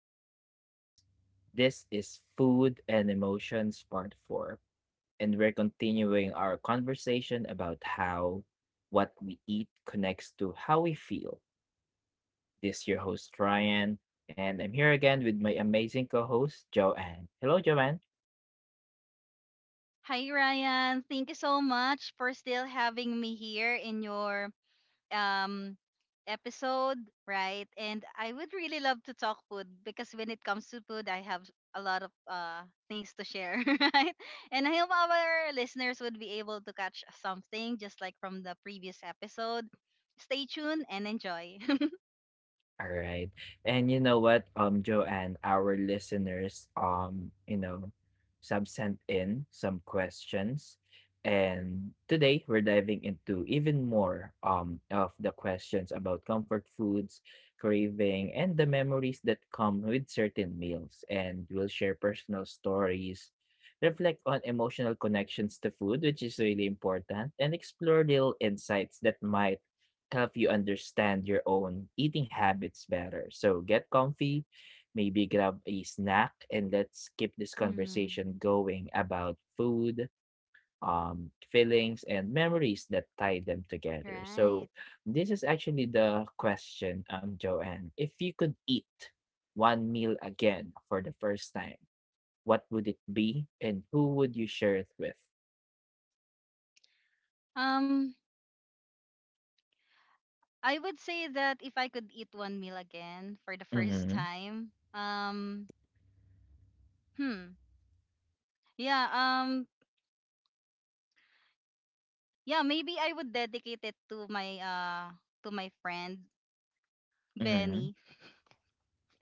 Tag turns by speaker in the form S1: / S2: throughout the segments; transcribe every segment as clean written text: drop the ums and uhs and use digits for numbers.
S1: to the podcast. This is Food and Emotions Part 4, and we're continuing our conversation about how what we eat connects to how we feel. This is your host, Ryan, and I'm here again with my amazing co host, Joanne. Hello, Joanne.
S2: Hi, Ryan. Thank you so much for still having me here in your um episode, right? And I would really love to talk food because when it comes to food, I have a lot of things to share, right? And I hope our listeners would be able to catch something just like from the previous episode. Stay tuned and enjoy.
S1: All right. And you know what, Joanne, our listeners, sub sent in some questions. And today we're diving into even more of the questions about comfort foods, craving, and the memories that come with certain meals. And we'll share personal stories, reflect on emotional connections to food, which is really important, and explore little insights that might help you understand your own eating habits better. So get comfy, maybe grab a snack, and let's keep this
S2: Mhm.
S1: conversation going about food, feelings, and memories that tie them together.
S2: Right.
S1: So this is actually the question, Joanne. If you could eat one meal again for the first time, what would it be, and who would you share it with?
S2: Um, I would say that if I could eat one meal again for the first
S1: Mm-hmm.
S2: time, hmm, Yeah, um yeah, maybe I would dedicate it to my to my friend
S1: Mm-hmm.
S2: Benny,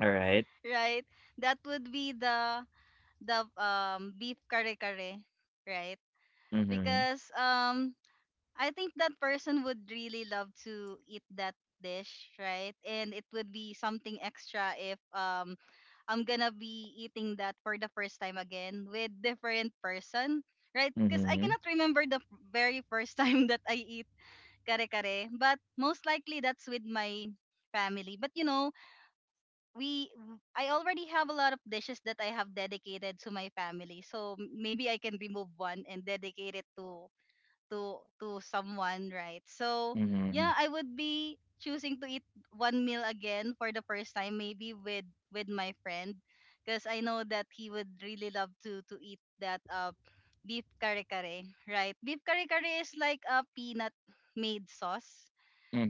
S1: All right.
S2: right? That would be the beef kare kare, right?
S1: Mm-hmm.
S2: Because I think that person would really love to eat that dish, right? And it would be something extra if I'm gonna be eating that for the first time again with different person, right? Because I
S1: Mm-hmm.
S2: cannot remember the very first time that I eat kare kare. But most likely that's with my family. But you know, we I already have a lot of dishes that I have dedicated to my family. So maybe I can remove one and dedicate it to someone, right? So
S1: Mm-hmm.
S2: yeah, I would be choosing to eat one meal again for the first time maybe with my friend because I know that he would really love to eat that beef kare kare, right? Beef kare kare is like a peanut made sauce,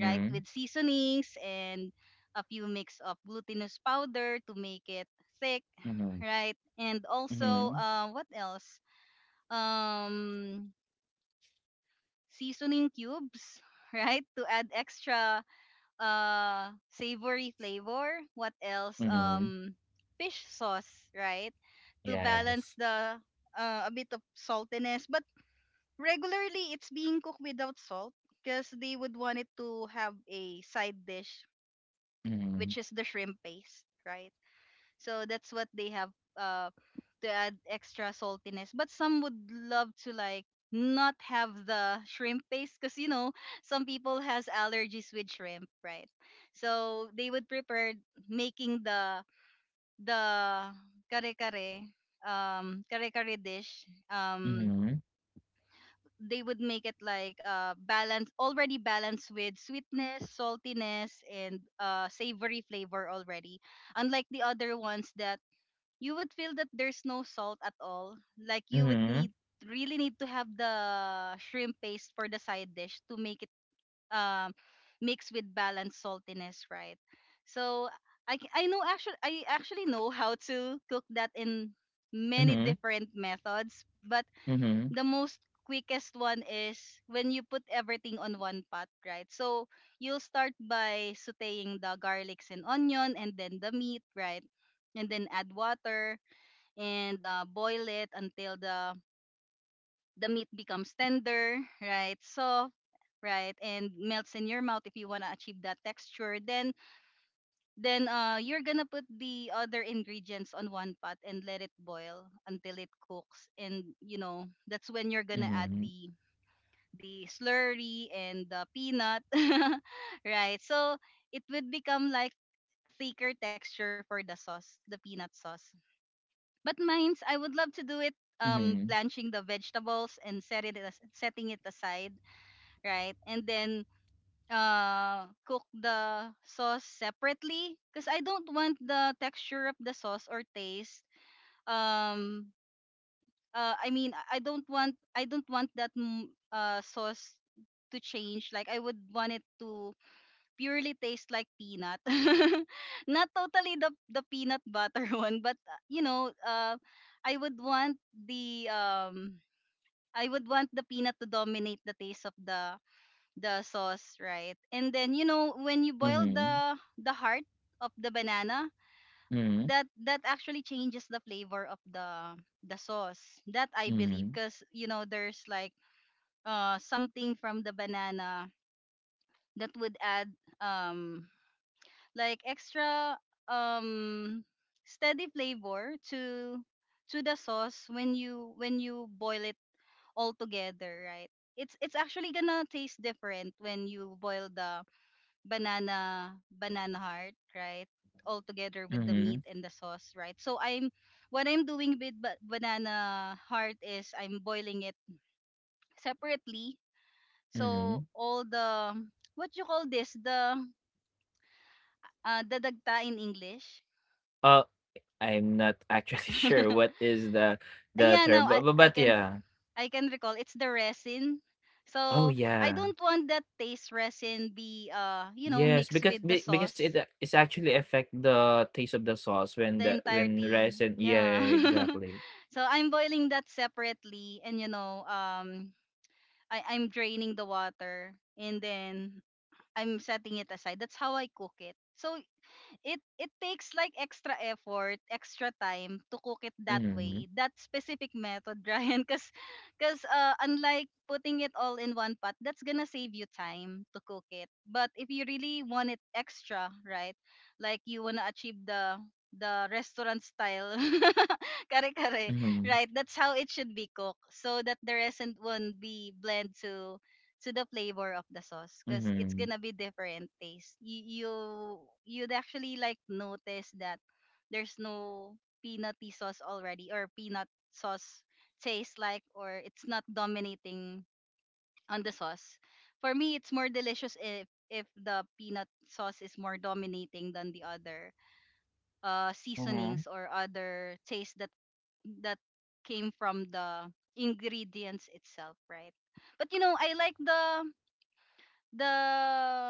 S2: right? With seasonings and a few mix of glutinous powder to make it thick,
S1: Mhm,
S2: right? And also,
S1: mhm,
S2: what else? Um, seasoning cubes, right? To add extra savory flavor. What else?
S1: mhm,
S2: Fish sauce, right? To balance
S1: yes.
S2: the a bit of saltiness. But regularly, it's being cooked without salt because they would want it to have a side dish
S1: Mhm,
S2: which is the shrimp paste, right? So that's what they have uh, to add extra saltiness. But some would love to like not have the shrimp paste because you know some people has allergies with shrimp, right? So they would prepare making the kare kare kare kare dish, um,
S1: mhm,
S2: they would make it like balance, already balanced with sweetness, saltiness, and savory flavor already, unlike the other ones that you would feel that there's no salt at all, like you would
S1: mhm,
S2: need really need to have the shrimp paste for the side dish to make it um mix with balanced saltiness, right? So I know actually I actually know how to cook that in many
S1: mhm,
S2: different methods, but
S1: mhm,
S2: the most quickest one is when you put everything on one pot, right? So you'll start by sauteing the garlics and onion and then the meat, right? And then add water and boil it until the meat becomes tender, right? Soft, right? And melts in your mouth if you want to achieve that texture. Then you're going to put the other ingredients on one pot and let it boil until it cooks, and you know, that's when you're going to add
S1: mhm,
S2: the slurry and the peanut, right? So it would become like thicker texture for the sauce, the peanut sauce. But mine's, I would love to do it
S1: mhm,
S2: blanching the vegetables and setting it aside, right? And then cook the sauce separately because I don't want the texture of the sauce or taste um , I don't want, I don't want that sauce to change, like I would want it to purely taste like peanut, not totally the peanut butter one, but you know, I would want the um I would want the peanut to dominate the taste of the sauce, right? And then you know, when you boil
S1: mhm,
S2: the heart of the banana,
S1: mhm,
S2: that actually changes the flavor of the sauce, that I believe,
S1: mhm,
S2: because you know, there's like something from the banana that would add um like extra um steady flavor to the sauce when you boil it all together, right? It's actually gonna taste different when you boil the banana heart, right? All together with the
S1: mhm,
S2: meat and the sauce, right? So I'm what I'm doing with banana heart is I'm boiling it separately. So
S1: mhm.
S2: all the what you call this, the dadagta in English.
S1: Uh, I'm not actually sure what is the
S2: Ah, yeah, no,
S1: term, but, but,
S2: I
S1: but
S2: can,
S1: yeah.
S2: I can recall, it's the resin.
S1: Oh
S2: So I
S1: yeah.
S2: don't want that taste resin be you know
S1: Yes,
S2: mixed
S1: because
S2: with the
S1: be- because it
S2: sauce.
S1: a- it's actually affect the taste of the sauce
S2: The
S1: when
S2: entirety.
S1: resin. Yeah,
S2: Yeah.
S1: exactly.
S2: So I'm boiling that separately, and you know, I I'm draining the water and then I'm setting it aside. That's how I cook it. So it takes like extra effort, extra time to cook it that way.
S1: Mhm,
S2: That specific method, Ryan, because unlike putting it all in one pot, that's gonna save you time to cook it. But if you really want it extra, right? Like you wanna achieve the restaurant style kare kare,
S1: mhm,
S2: right? That's how it should be cooked, so that the resin won't be blend to the flavor of the sauce because it's gonna
S1: mhm,
S2: be different taste. You'd actually like notice that there's no peanutty sauce already, or peanut sauce tastes like, or it's not dominating on the sauce. For me, it's more delicious if the peanut sauce is more dominating than the other
S1: mhm,
S2: seasonings or other taste that came from the ingredients itself, right? But you know, I like the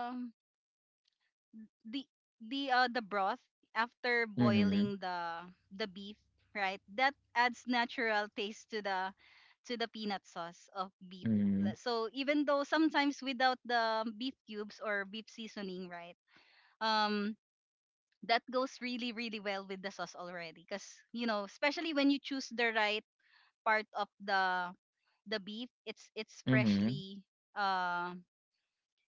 S2: the the broth after boiling
S1: mhm,
S2: the beef, right? That adds natural taste to the peanut sauce of beef.
S1: mhm.
S2: So even though sometimes without the beef cubes or beef seasoning, right, um that goes really really well with the sauce already, because you know, especially when you choose the right part of the beef, it's
S1: Mhm.
S2: freshly uh,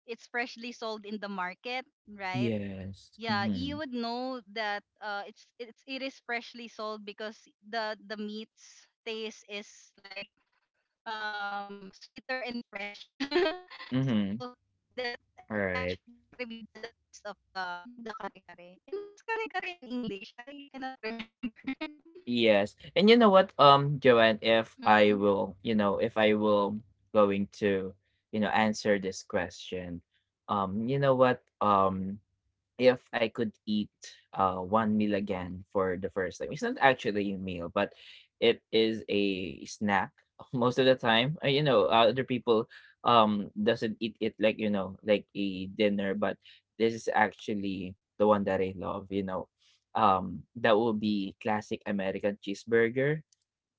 S2: it's freshly sold in the market, right?
S1: Yes.
S2: Yeah, you would
S1: Mhm.
S2: know that it's it is freshly sold because the meat's taste is like sweeter and fresh. So
S1: Mhm.
S2: that
S1: All
S2: actually
S1: right.
S2: contribute to the taste of the kare kare. And what's kare kare in English? I cannot remember.
S1: Yes. And you know what, Joanne, if I
S2: Mm.
S1: will, you know, if I will going to, you know, answer this question, um, you know what, um, if I could eat one meal again for the first time. It's not actually a meal, but it is a snack most of the time. Other people doesn't eat it like you know like a dinner, but this is actually the one that I love. You know, that will be classic American cheeseburger.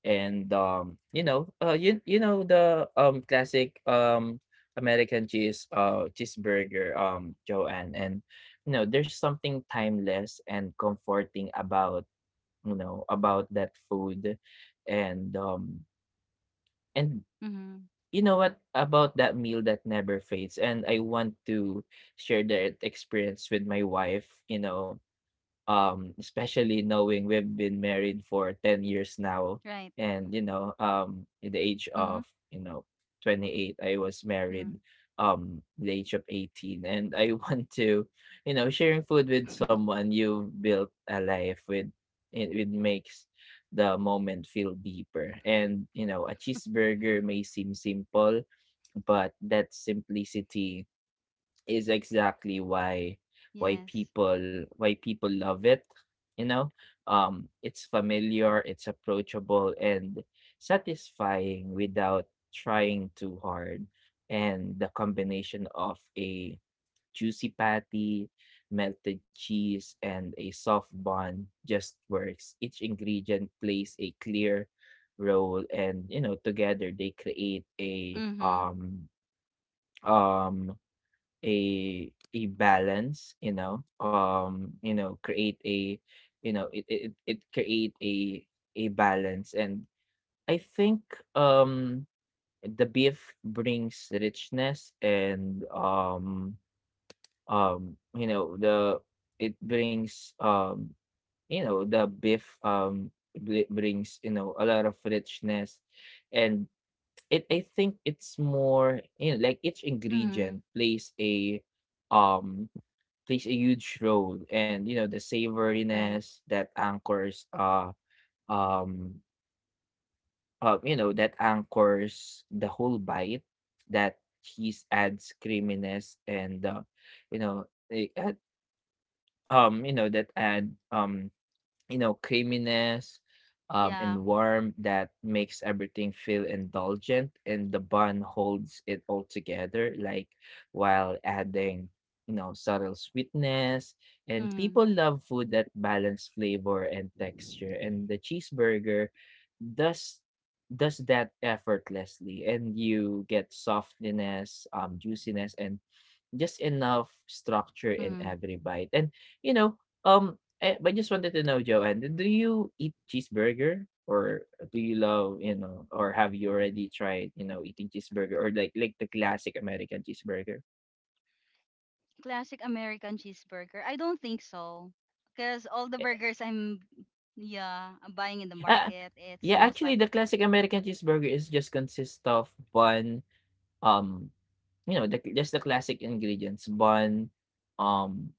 S1: And, um, you know, uh, you you know
S2: Right.
S1: the, classic, American cheeseburger, Joanne, and, you know, there's something timeless and comforting about, you know, about that food, and, um, and
S2: Hmm.
S1: you know what about that meal that never fades, and I want to
S2: Hmm.
S1: share that experience with my wife, you know, especially
S2: Right.
S1: knowing we've been married for 10 years now.
S2: Hmm.
S1: And you know in the age of you know
S2: Hmm.
S1: 28 I was married the age of 18, and I want to, you know, sharing food with someone you built a life with, it makes the moment feel deeper. And you know a cheeseburger may seem simple, but that simplicity is exactly
S2: Yes.
S1: why people love it. You know it's familiar, it's approachable, and satisfying without trying too hard. And the combination of a juicy patty, melted cheese, and a soft bun just works. Each ingredient plays a clear role, and you know together they create a
S2: Hmm.
S1: um a a balance, you know, create a, you know, it create a balance. And I think um the beef brings richness and you know the it brings you know the beef bri- brings you know a lot of richness. And it I think it's more, you know, like each ingredient
S2: Hmm.
S1: plays a um plays a huge role. And you know the
S2: Right.
S1: savoriness that anchors um you know that anchors the whole bite. That cheese adds creaminess and you know it add, you know that add you know, creaminess and
S2: Yeah.
S1: warmth that makes everything feel indulgent, and the bun holds it all together, like while adding, you know, subtle sweetness. And
S2: Hmm.
S1: people love food that balance flavor and texture, and the cheeseburger does does that effortlessly. And you get softness, juiciness, and just enough structure in
S2: Hmm.
S1: every bite. And you know Eh, but just wanted to know, Joanne, do you eat cheeseburger? Or do you love, you know, or have you already tried, you know, eating cheeseburger or like the classic American cheeseburger?
S2: Classic American cheeseburger? I don't think so. Because all the
S1: Eh,
S2: burgers I'm yeah, I'm buying in the
S1: ah,
S2: market, it's
S1: yeah,
S2: most
S1: actually, the
S2: likely.
S1: classic American cheeseburger is just consists of bun, um, you know, the, just the classic ingredients, bun, um,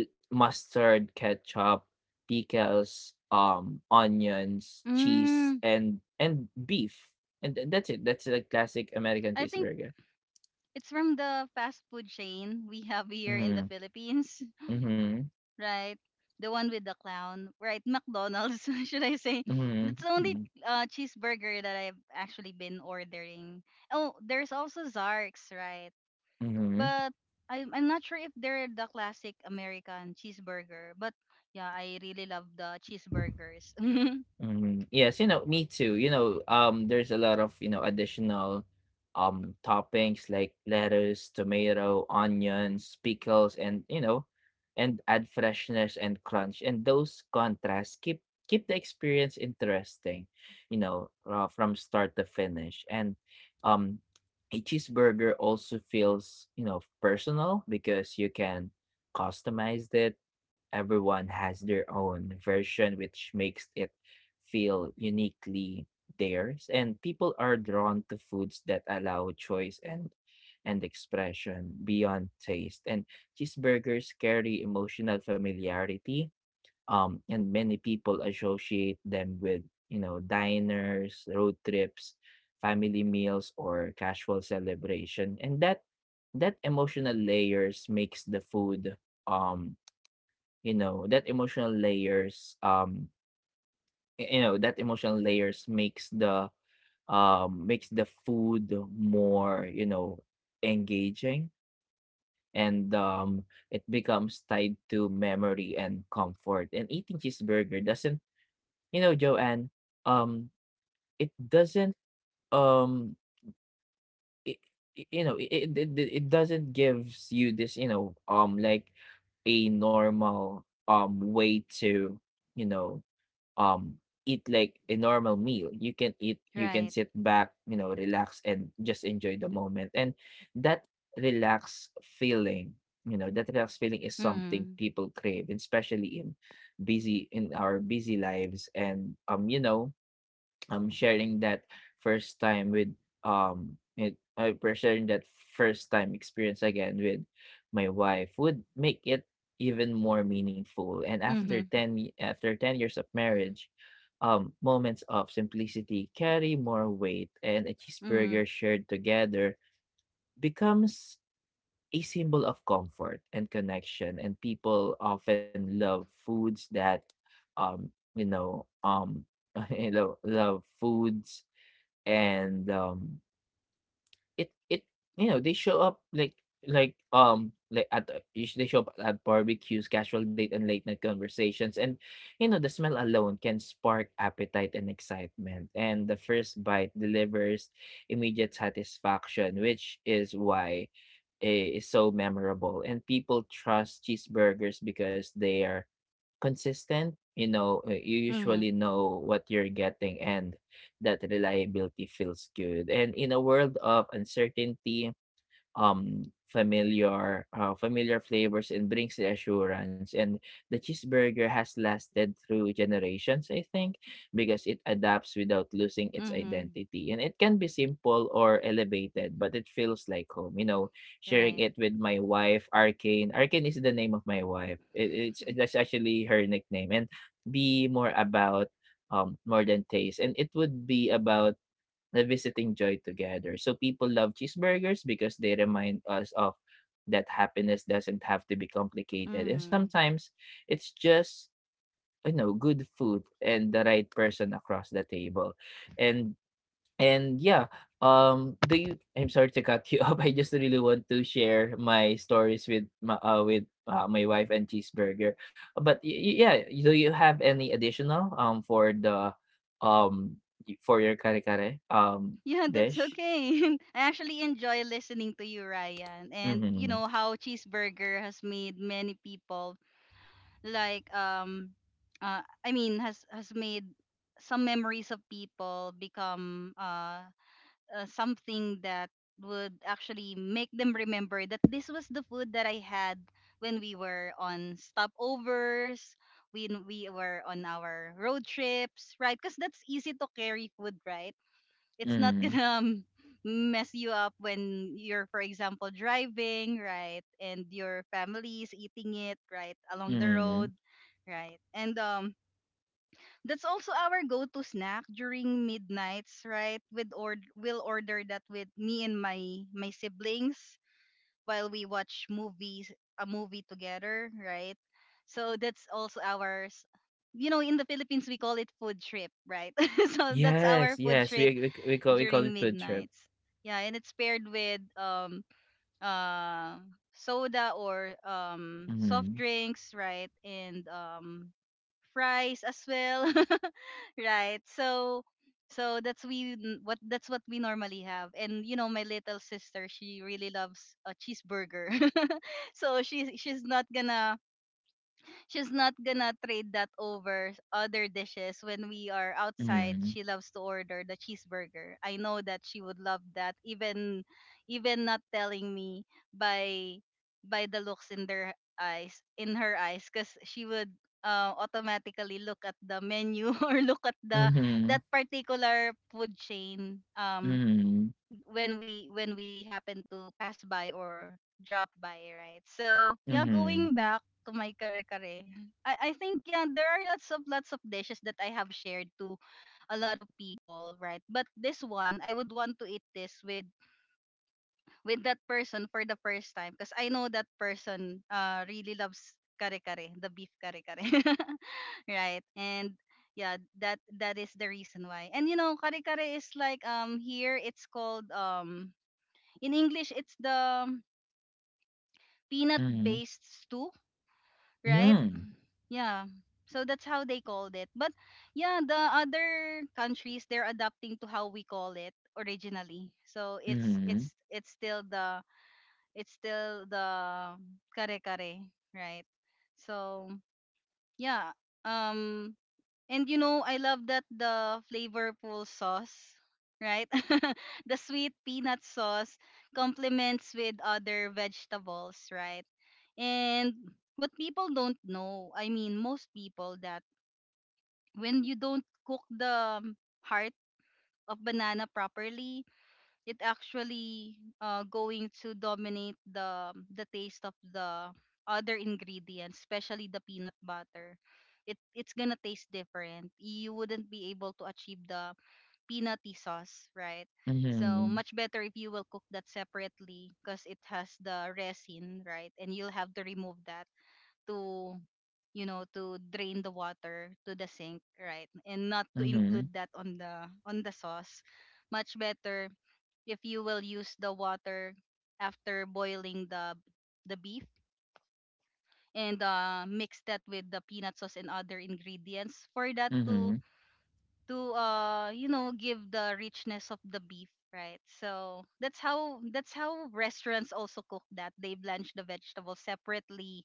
S1: mustard, ketchup, pickles, onions, cheese,
S2: Mm,
S1: and beef. And, that's it. That's the classic American
S2: I think
S1: cheeseburger.
S2: it's from the fast food chain we have here in the
S1: Mm-hmm.
S2: Philippines,
S1: Mm-hmm.
S2: right? The one with the clown, right? McDonald's, should I say?
S1: Mm-hmm.
S2: That's the only
S1: Mm-hmm.
S2: cheeseburger that I've actually been ordering. Oh, there's also Zark's, right?
S1: Mm-hmm.
S2: But I'm not sure if they're the classic American cheeseburger, but yeah, I really love the cheeseburgers.
S1: Mhm. Yes, you know, me too. You know, there's a lot of, you know, additional toppings like lettuce, tomato, onions, pickles, and you know, and add freshness and crunch. And those contrasts keep the experience interesting, you know, from start to finish. And um a cheeseburger also feels, you know, personal because you can customize it. Everyone has their own version, which makes it feel uniquely theirs. And people are drawn to foods that allow choice and expression beyond taste. And
S2: Right.
S1: cheeseburgers carry emotional familiarity, and many people associate them with, you know, diners, road trips, family meals, or casual
S2: Yes.
S1: celebration. And that emotional layers makes the food um you know that emotional layers y you know, that emotional layers makes the food more, you know, engaging and,
S2: Correct.
S1: it becomes tied to memory and comfort. And eating cheeseburger doesn't, you know, Joanne, um,
S2: Mm.
S1: it doesn't, um, it, you know, it doesn't gives you this, you know, like a normal way to, you know, um, eat like a normal meal. You can eat, you can
S2: Right.
S1: sit back, you know, relax, and just enjoy the moment. And that relaxed feeling, you know, that relaxed feeling is something
S2: Mm.
S1: people crave, and especially in busy in our busy lives. And sharing that first time with it for sharing that first time experience again with my wife would make it even more meaningful. And after
S2: Mhm.
S1: 10 years of marriage, moments of simplicity carry more weight, and a
S2: Mhm.
S1: cheeseburger shared together becomes a symbol of comfort and connection. And people often love foods that um you know um you know love foods and, it it you know, they show up like at the usu they show up at barbecues, casual date, and late night conversations. And, you know, the smell alone can spark appetite and excitement, and the first bite delivers immediate satisfaction, which is why I it's so memorable. And people trust cheeseburgers because they are consistent. You know, you usually
S2: Mhm.
S1: know what you're getting, and that reliability feels good. And in a world of uncertainty, familiar flavors and brings reassurance. And the cheeseburger has lasted through generations, I think, because it adapts without losing its
S2: Mhm.
S1: identity. And it can be simple or elevated, but it feels like home. You know, sharing
S2: Right.
S1: it with my wife, Arcane. Arcane is the name of my wife. It, it's that's actually her nickname. And be more about more than taste, and it would be about the visiting joy together. So people love cheeseburgers because they remind us of that happiness doesn't have to be complicated. And
S2: Mhm.
S1: sometimes it's just, you know, good food and the right person across the table. And And yeah, do you, I'm sorry to cut you up. I just really want to share my stories with my wife and cheeseburger. But yeah, do you have any additional for the um for your kare kare
S2: Yeah, that's
S1: dish?
S2: okay. I actually enjoy listening to you, Ryan, and you
S1: Mm-hmm.
S2: know how cheeseburger has made many people like has made some memories of people become something that would actually make them remember that this was the food that I had when we were on stopovers, when we were on our road trips, right? Because that's easy to carry food, right? It's not
S1: Mm-hmm.
S2: gonna mess you up when you're, for example, driving, right, and your family's eating it right along the
S1: Mm-hmm.
S2: road, right? And that's also our go-to snack during midnights, right? With, or we'll order that with me and my siblings while we watch movies a movie together, right? So that's also ours. You know, in the Philippines we call it food trip, right? So that's our
S1: Yes,
S2: food
S1: yes.
S2: trip
S1: We call it
S2: during
S1: food trip.
S2: midnights. Yeah, and it's paired with uh soda or soft
S1: Mm-hmm.
S2: drinks, right? And fries as well. Right. So that's what we normally have. And you know, my little sister, she really loves a cheeseburger. So she's not gonna, she's not gonna trade that over other dishes. When we are outside
S1: Mm-hmm.
S2: she loves to order the cheeseburger. I know that she would love that even even not telling me, by by the looks in their eyes in her eyes, because she would automatically look at the menu or look at the that particular food chain
S1: Mm-hmm.
S2: when we happen to pass by or drop by, right? So yeah,
S1: Mm-hmm.
S2: going back to my kare kare, I think yeah, there are lots of dishes that I have shared to a lot of people, right? But this one, I would want to eat this with that person for the first time because I know that person really loves kare kare, the beef kare kare, right? And yeah, that is the reason why. And you know, kare kare is like here it's called in English, it's the peanut
S1: Mm-hmm.
S2: based stew,
S1: Mm-hmm.
S2: right?
S1: Mm-hmm.
S2: Yeah. So that's how they called it. But yeah, the other countries they're adapting to how we call it originally. So it's
S1: Mm-hmm.
S2: it's it's still the it's still the kare kare, right? So yeah. Um And you know, I love that the flavorful sauce, right? the sweet peanut sauce complements with other vegetables, right? And what people don't know, I mean, most people, that when you don't cook the heart of banana properly, it actually going to dominate the taste of the other ingredients, especially the peanut butter. It's gonna taste different. You wouldn't be able to achieve the peanutty sauce, right? So
S1: Mm-hmm.
S2: much better if you will cook that separately because it has the resin, right? And you'll have to remove that to you know to drain the water to the sink, right, and not to
S1: Mm-hmm.
S2: include that on the sauce. Much better if you will use the water after boiling the beef and mix that with the peanut sauce and other ingredients for that to
S1: Mhm,
S2: you know give the richness of the beef, right? So that's how restaurants also cook that. They blanch the vegetables separately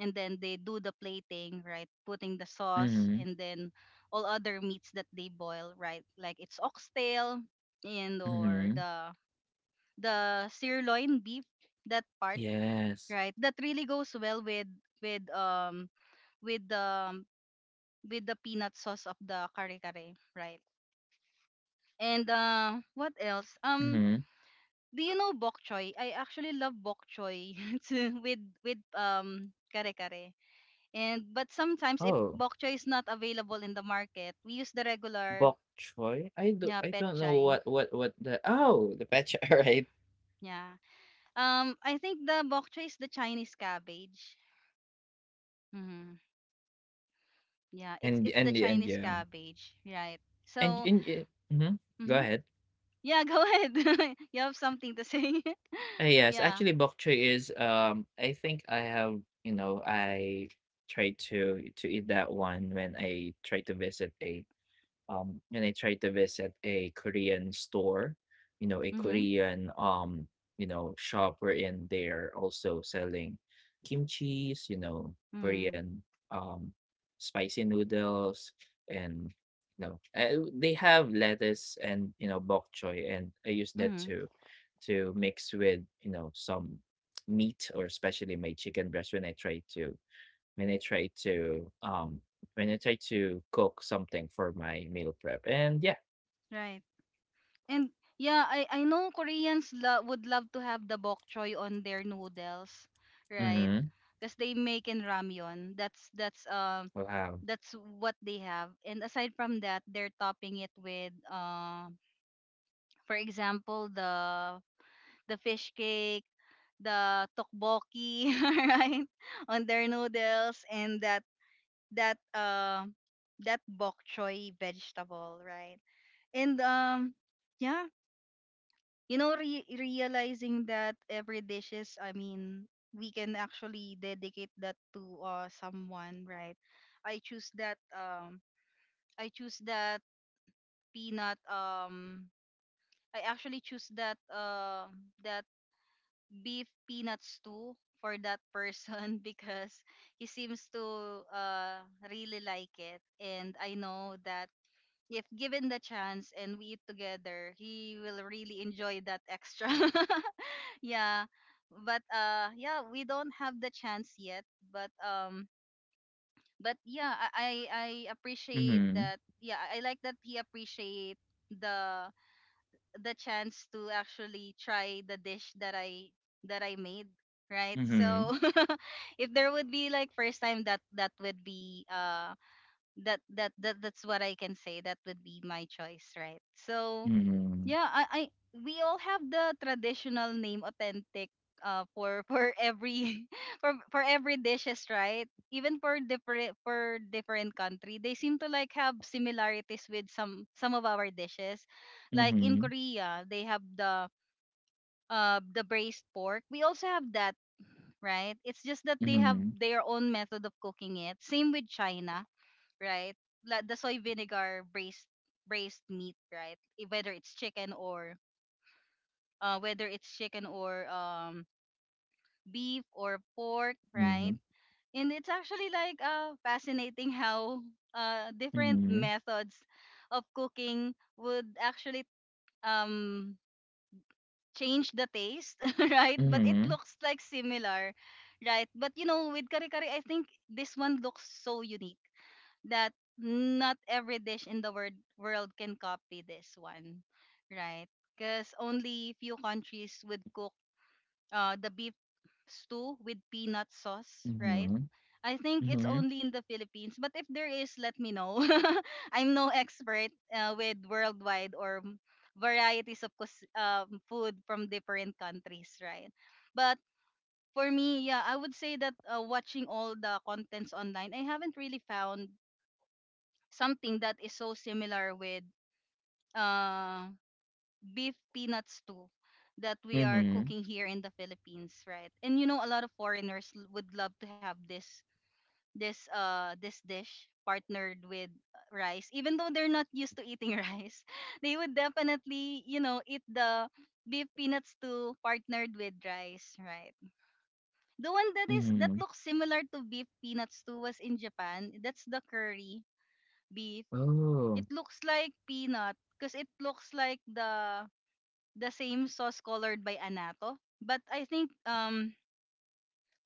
S2: and then they do the plating, right? Putting the sauce
S1: mhm,
S2: and then all other meats that they boil, right? Like it's oxtail and or
S1: mhm.
S2: the sirloin beef, that part,
S1: Yes.
S2: right? That really goes well with with um with the um, with the peanut sauce of the kare kare, right? And what else?
S1: Mhm.
S2: Do you know bok choy? I actually love bok choy with with kare kare. And but sometimes if
S1: Oh,
S2: bok choy is not available in the market, we use the regular.
S1: bok choy? I do
S2: Yeah,
S1: I
S2: pet
S1: don't know
S2: chai.
S1: what the oh, the patch, alright.
S2: Yeah. I think the bok choy is the Chinese cabbage. Mm-hmm. Yeah,
S1: And
S2: it's the
S1: and the and
S2: Chinese
S1: yeah.
S2: cabbage, right? So,
S1: And y mhm. Go
S2: hmm
S1: ahead.
S2: yeah, go ahead. You have something to say?
S1: Yes,
S2: Yeah.
S1: actually bok choy is I think I have, you know, I tried to eat that one when I tried to visit a Korean store, you know, a
S2: Mhm.
S1: Korean you know, shop wherein they're also selling kimchi's, you know,
S2: Mhm.
S1: Korean um spicy noodles, and you know, they have lettuce and you know bok choy. And I use that
S2: Mhm.
S1: to mix with, you know, some meat, or especially my chicken breast when I try to when I try to when I try to cook something for my meal prep. And yeah.
S2: Right. And yeah, I know Koreans would love to have the bok choy on their noodles, right?
S1: Mm-hmm.
S2: Because they make in ramyun.
S1: Wow.
S2: That's what they have. And aside from that, they're topping it with for example, the fish cake, the tteokbokki, right? On their noodles and that uh that bok choy vegetable, right? And yeah, you know realizing that every dish is, I mean, we can actually dedicate that to someone, right? I choose that um I choose that peanut I actually choose that that beef peanuts too for that person because he seems to really like it. And I know that if given the chance and we eat together, he will really enjoy that extra. Yeah. But yeah, we don't have the chance yet, but um but yeah, I appreciate
S1: Mm-hmm.
S2: that. Yeah, I like that he appreciate the the chance to actually try the dish that I made, right? So
S1: Mm-hmm.
S2: if there would be like first time that that would be that's what I can say that would be my choice, right? So
S1: Mm-hmm.
S2: yeah, I we all have the traditional name authentic for every for every dishes, right? Even for different country, they seem to like have similarities with some of our dishes. Like in
S1: Mm-hmm.
S2: Korea, they have the braised pork. We also have that, right? It's just that they have
S1: Mm-hmm.
S2: their own method of cooking it. Same with China, right? Like the soy vinegar braised braised meat, right? Whether it's chicken or uh, whether it's chicken or um, beef or pork,
S1: Mm-hmm.
S2: right? And it's actually like fascinating how different
S1: Mm-hmm.
S2: methods of cooking would actually um, change the taste, right? But it
S1: Mm-hmm.
S2: looks like similar, right? But you know, with kare kare, I think this one looks so unique that not every dish in the world can copy this one, right? Because only few countries would cook the beef stew with peanut sauce, right?
S1: Mm-hmm.
S2: I think it's
S1: Mm-hmm.
S2: only in the Philippines, but if there is, let me know. I'm no expert with worldwide or varieties of food from different countries, right? But for me, yeah, I would say that watching all the contents online, I haven't really found something that is so similar with uh, beef peanut stew that we are
S1: Mm-hmm.
S2: cooking here in the Philippines, right? And you know, a lot of foreigners would love to have this dish partnered with rice. Even though they're not used to eating rice, they would definitely you know eat the beef peanuts too partnered with rice, right? The one that is that
S1: Mm-hmm.
S2: looks similar to beef peanuts too was in Japan, that's the curry beef. It
S1: Oh.
S2: looks like peanut because it looks like the same sauce colored by anato, but I think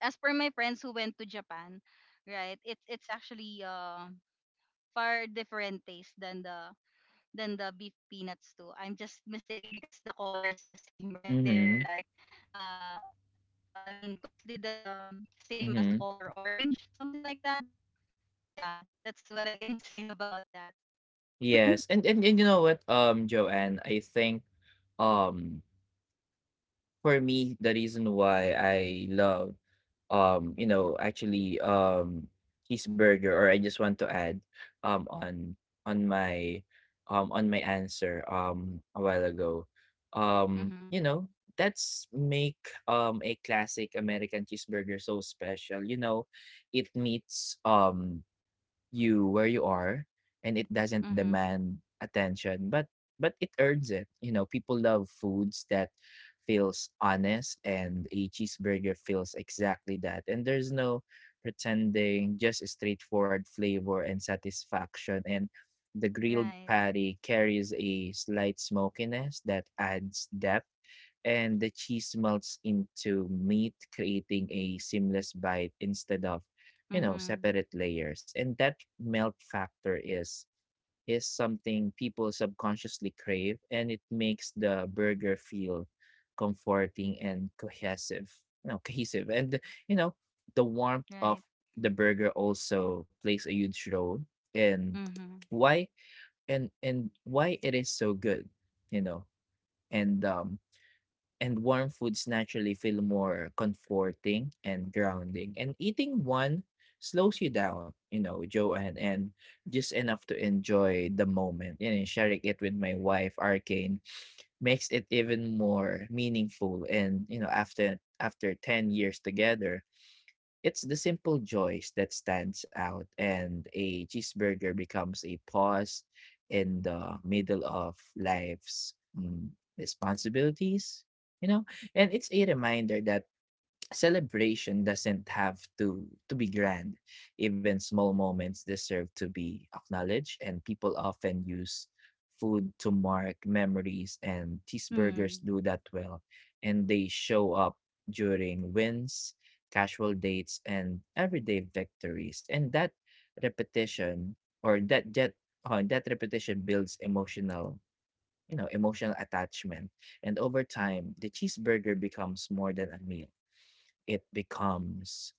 S2: as per my friends who went to Japan, right, it's actually far different taste than the beef peanuts too. I'm just mistaken because the color is the same, right? They're
S1: Mm-hmm.
S2: like, uh, I mean, closely the same as
S1: Mm-hmm.
S2: color orange, something like that. Yeah, that's what I can say about that.
S1: Yes. And you know what, Joanne, I think um for me the reason why I love you know, actually cheeseburger, or I just want to add on on my on my answer a while ago. Um, you
S2: Mhm.
S1: know, that's make a classic American cheeseburger so special. It meets you where you are, and it doesn't
S2: Mhm.
S1: demand attention, but it earns it. People love foods that feels honest, and a cheeseburger feels exactly that. And there's no pretending, just a straightforward flavor and satisfaction. And the
S2: Right.
S1: grilled patty carries a slight smokiness that adds depth, and the cheese melts into meat, creating a seamless bite instead of
S2: Mhm.
S1: separate layers. And that melt factor is something people subconsciously crave, and it makes the burger feel comforting and cohesive. No, cohesive. And you know, the warmth of
S2: Right.
S1: the burger also plays a huge role in
S2: Mhm.
S1: why and why it is so good, you know, and um and warm foods naturally feel more comforting and grounding. And eating one slows you down, Joanne, and just enough to enjoy the moment. And sharing it with my wife, Arcane, makes it even more meaningful. And after 10 years together, it's the simple joys that stands out, and a cheeseburger becomes a pause in the middle of life's responsibilities, you know? And it's a reminder that celebration doesn't have to be grand. Even small moments deserve to be acknowledged, and people often use food to mark memories, and cheeseburgers
S2: Mhm.
S1: do that well. And they show up during wins, casual dates, and everyday victories. And that repetition or that that that repetition builds emotional emotional attachment. And over time the cheeseburger becomes more than a meal. It becomes,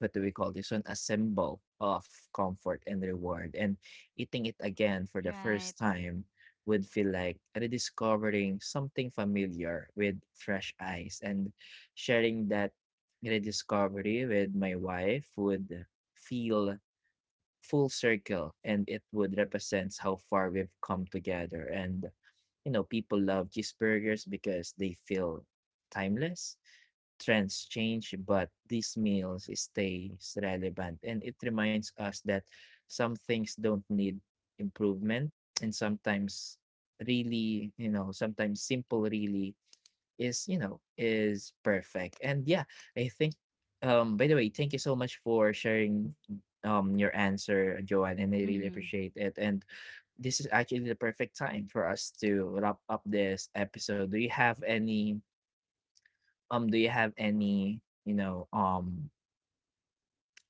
S1: what do we call this one, a symbol of comfort and reward. And eating it again for the
S2: Right.
S1: first time would feel like rediscovering something familiar with fresh eyes, and sharing that rediscovery with my wife would feel full circle. And it would represent how far we've come together. And people love cheeseburgers because they feel timeless. Trends change, but these meals stays relevant. And it reminds us that some things don't need improvement. And sometimes really, sometimes simple really is perfect. And yeah, I think, by the way, thank you so much for sharing your answer, Joanne, and I really
S2: Mhm.
S1: appreciate it. And this is actually the perfect time for us to wrap up this episode. Do you have any um do you have any you know um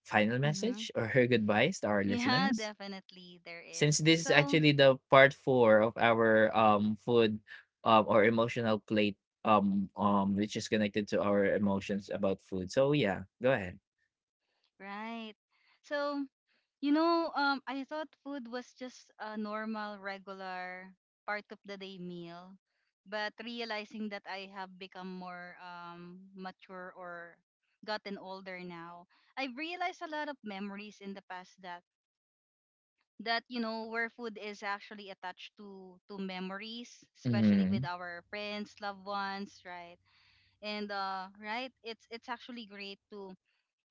S1: final
S2: Mhm.
S1: message or her goodbyes to our
S2: Yeah,
S1: listeners,
S2: definitely there
S1: since
S2: is.
S1: this is
S2: So,
S1: actually the Part 4 of our food or emotional plate which is connected to our emotions about food? So yeah, go ahead.
S2: right. So, you know, I thought food was just a normal, regular part of the day meal, but realizing that I have become more mature or gotten older now, I've realized a lot of memories in the past that that you know where food is actually attached to memories, especially with
S1: Mm.
S2: our friends, loved ones, right? And right, it's actually great to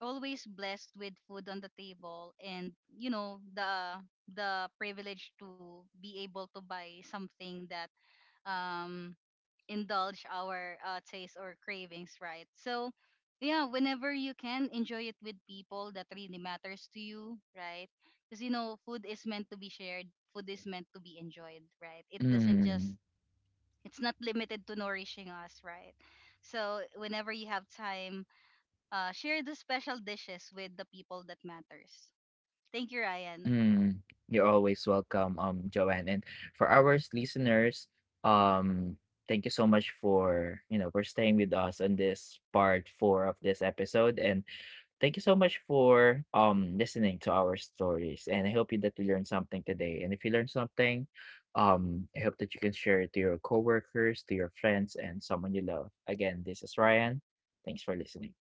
S2: always blessed with food on the table. And you know, the privilege to be able to buy something that um indulge our taste or cravings, right? So yeah, whenever you can enjoy it with people that really matters to you, right? Because you know, food is meant to be shared, food is meant to be enjoyed, right? It
S1: Mm.
S2: doesn't just, it's not limited to nourishing us, right? So whenever you have time, share the special dishes with the people that matters. Thank you, Ryan.
S1: Mm. You're always welcome, Joanne. And for our listeners, um thank you so much for you know for staying with us on this Part 4 of this episode. And thank you so much for listening to our stories, and I hope you that you learned something today. And if you learned something, I hope that you can share it to your coworkers, to your friends, and someone you love. Again, this is Ryan. Thanks for listening.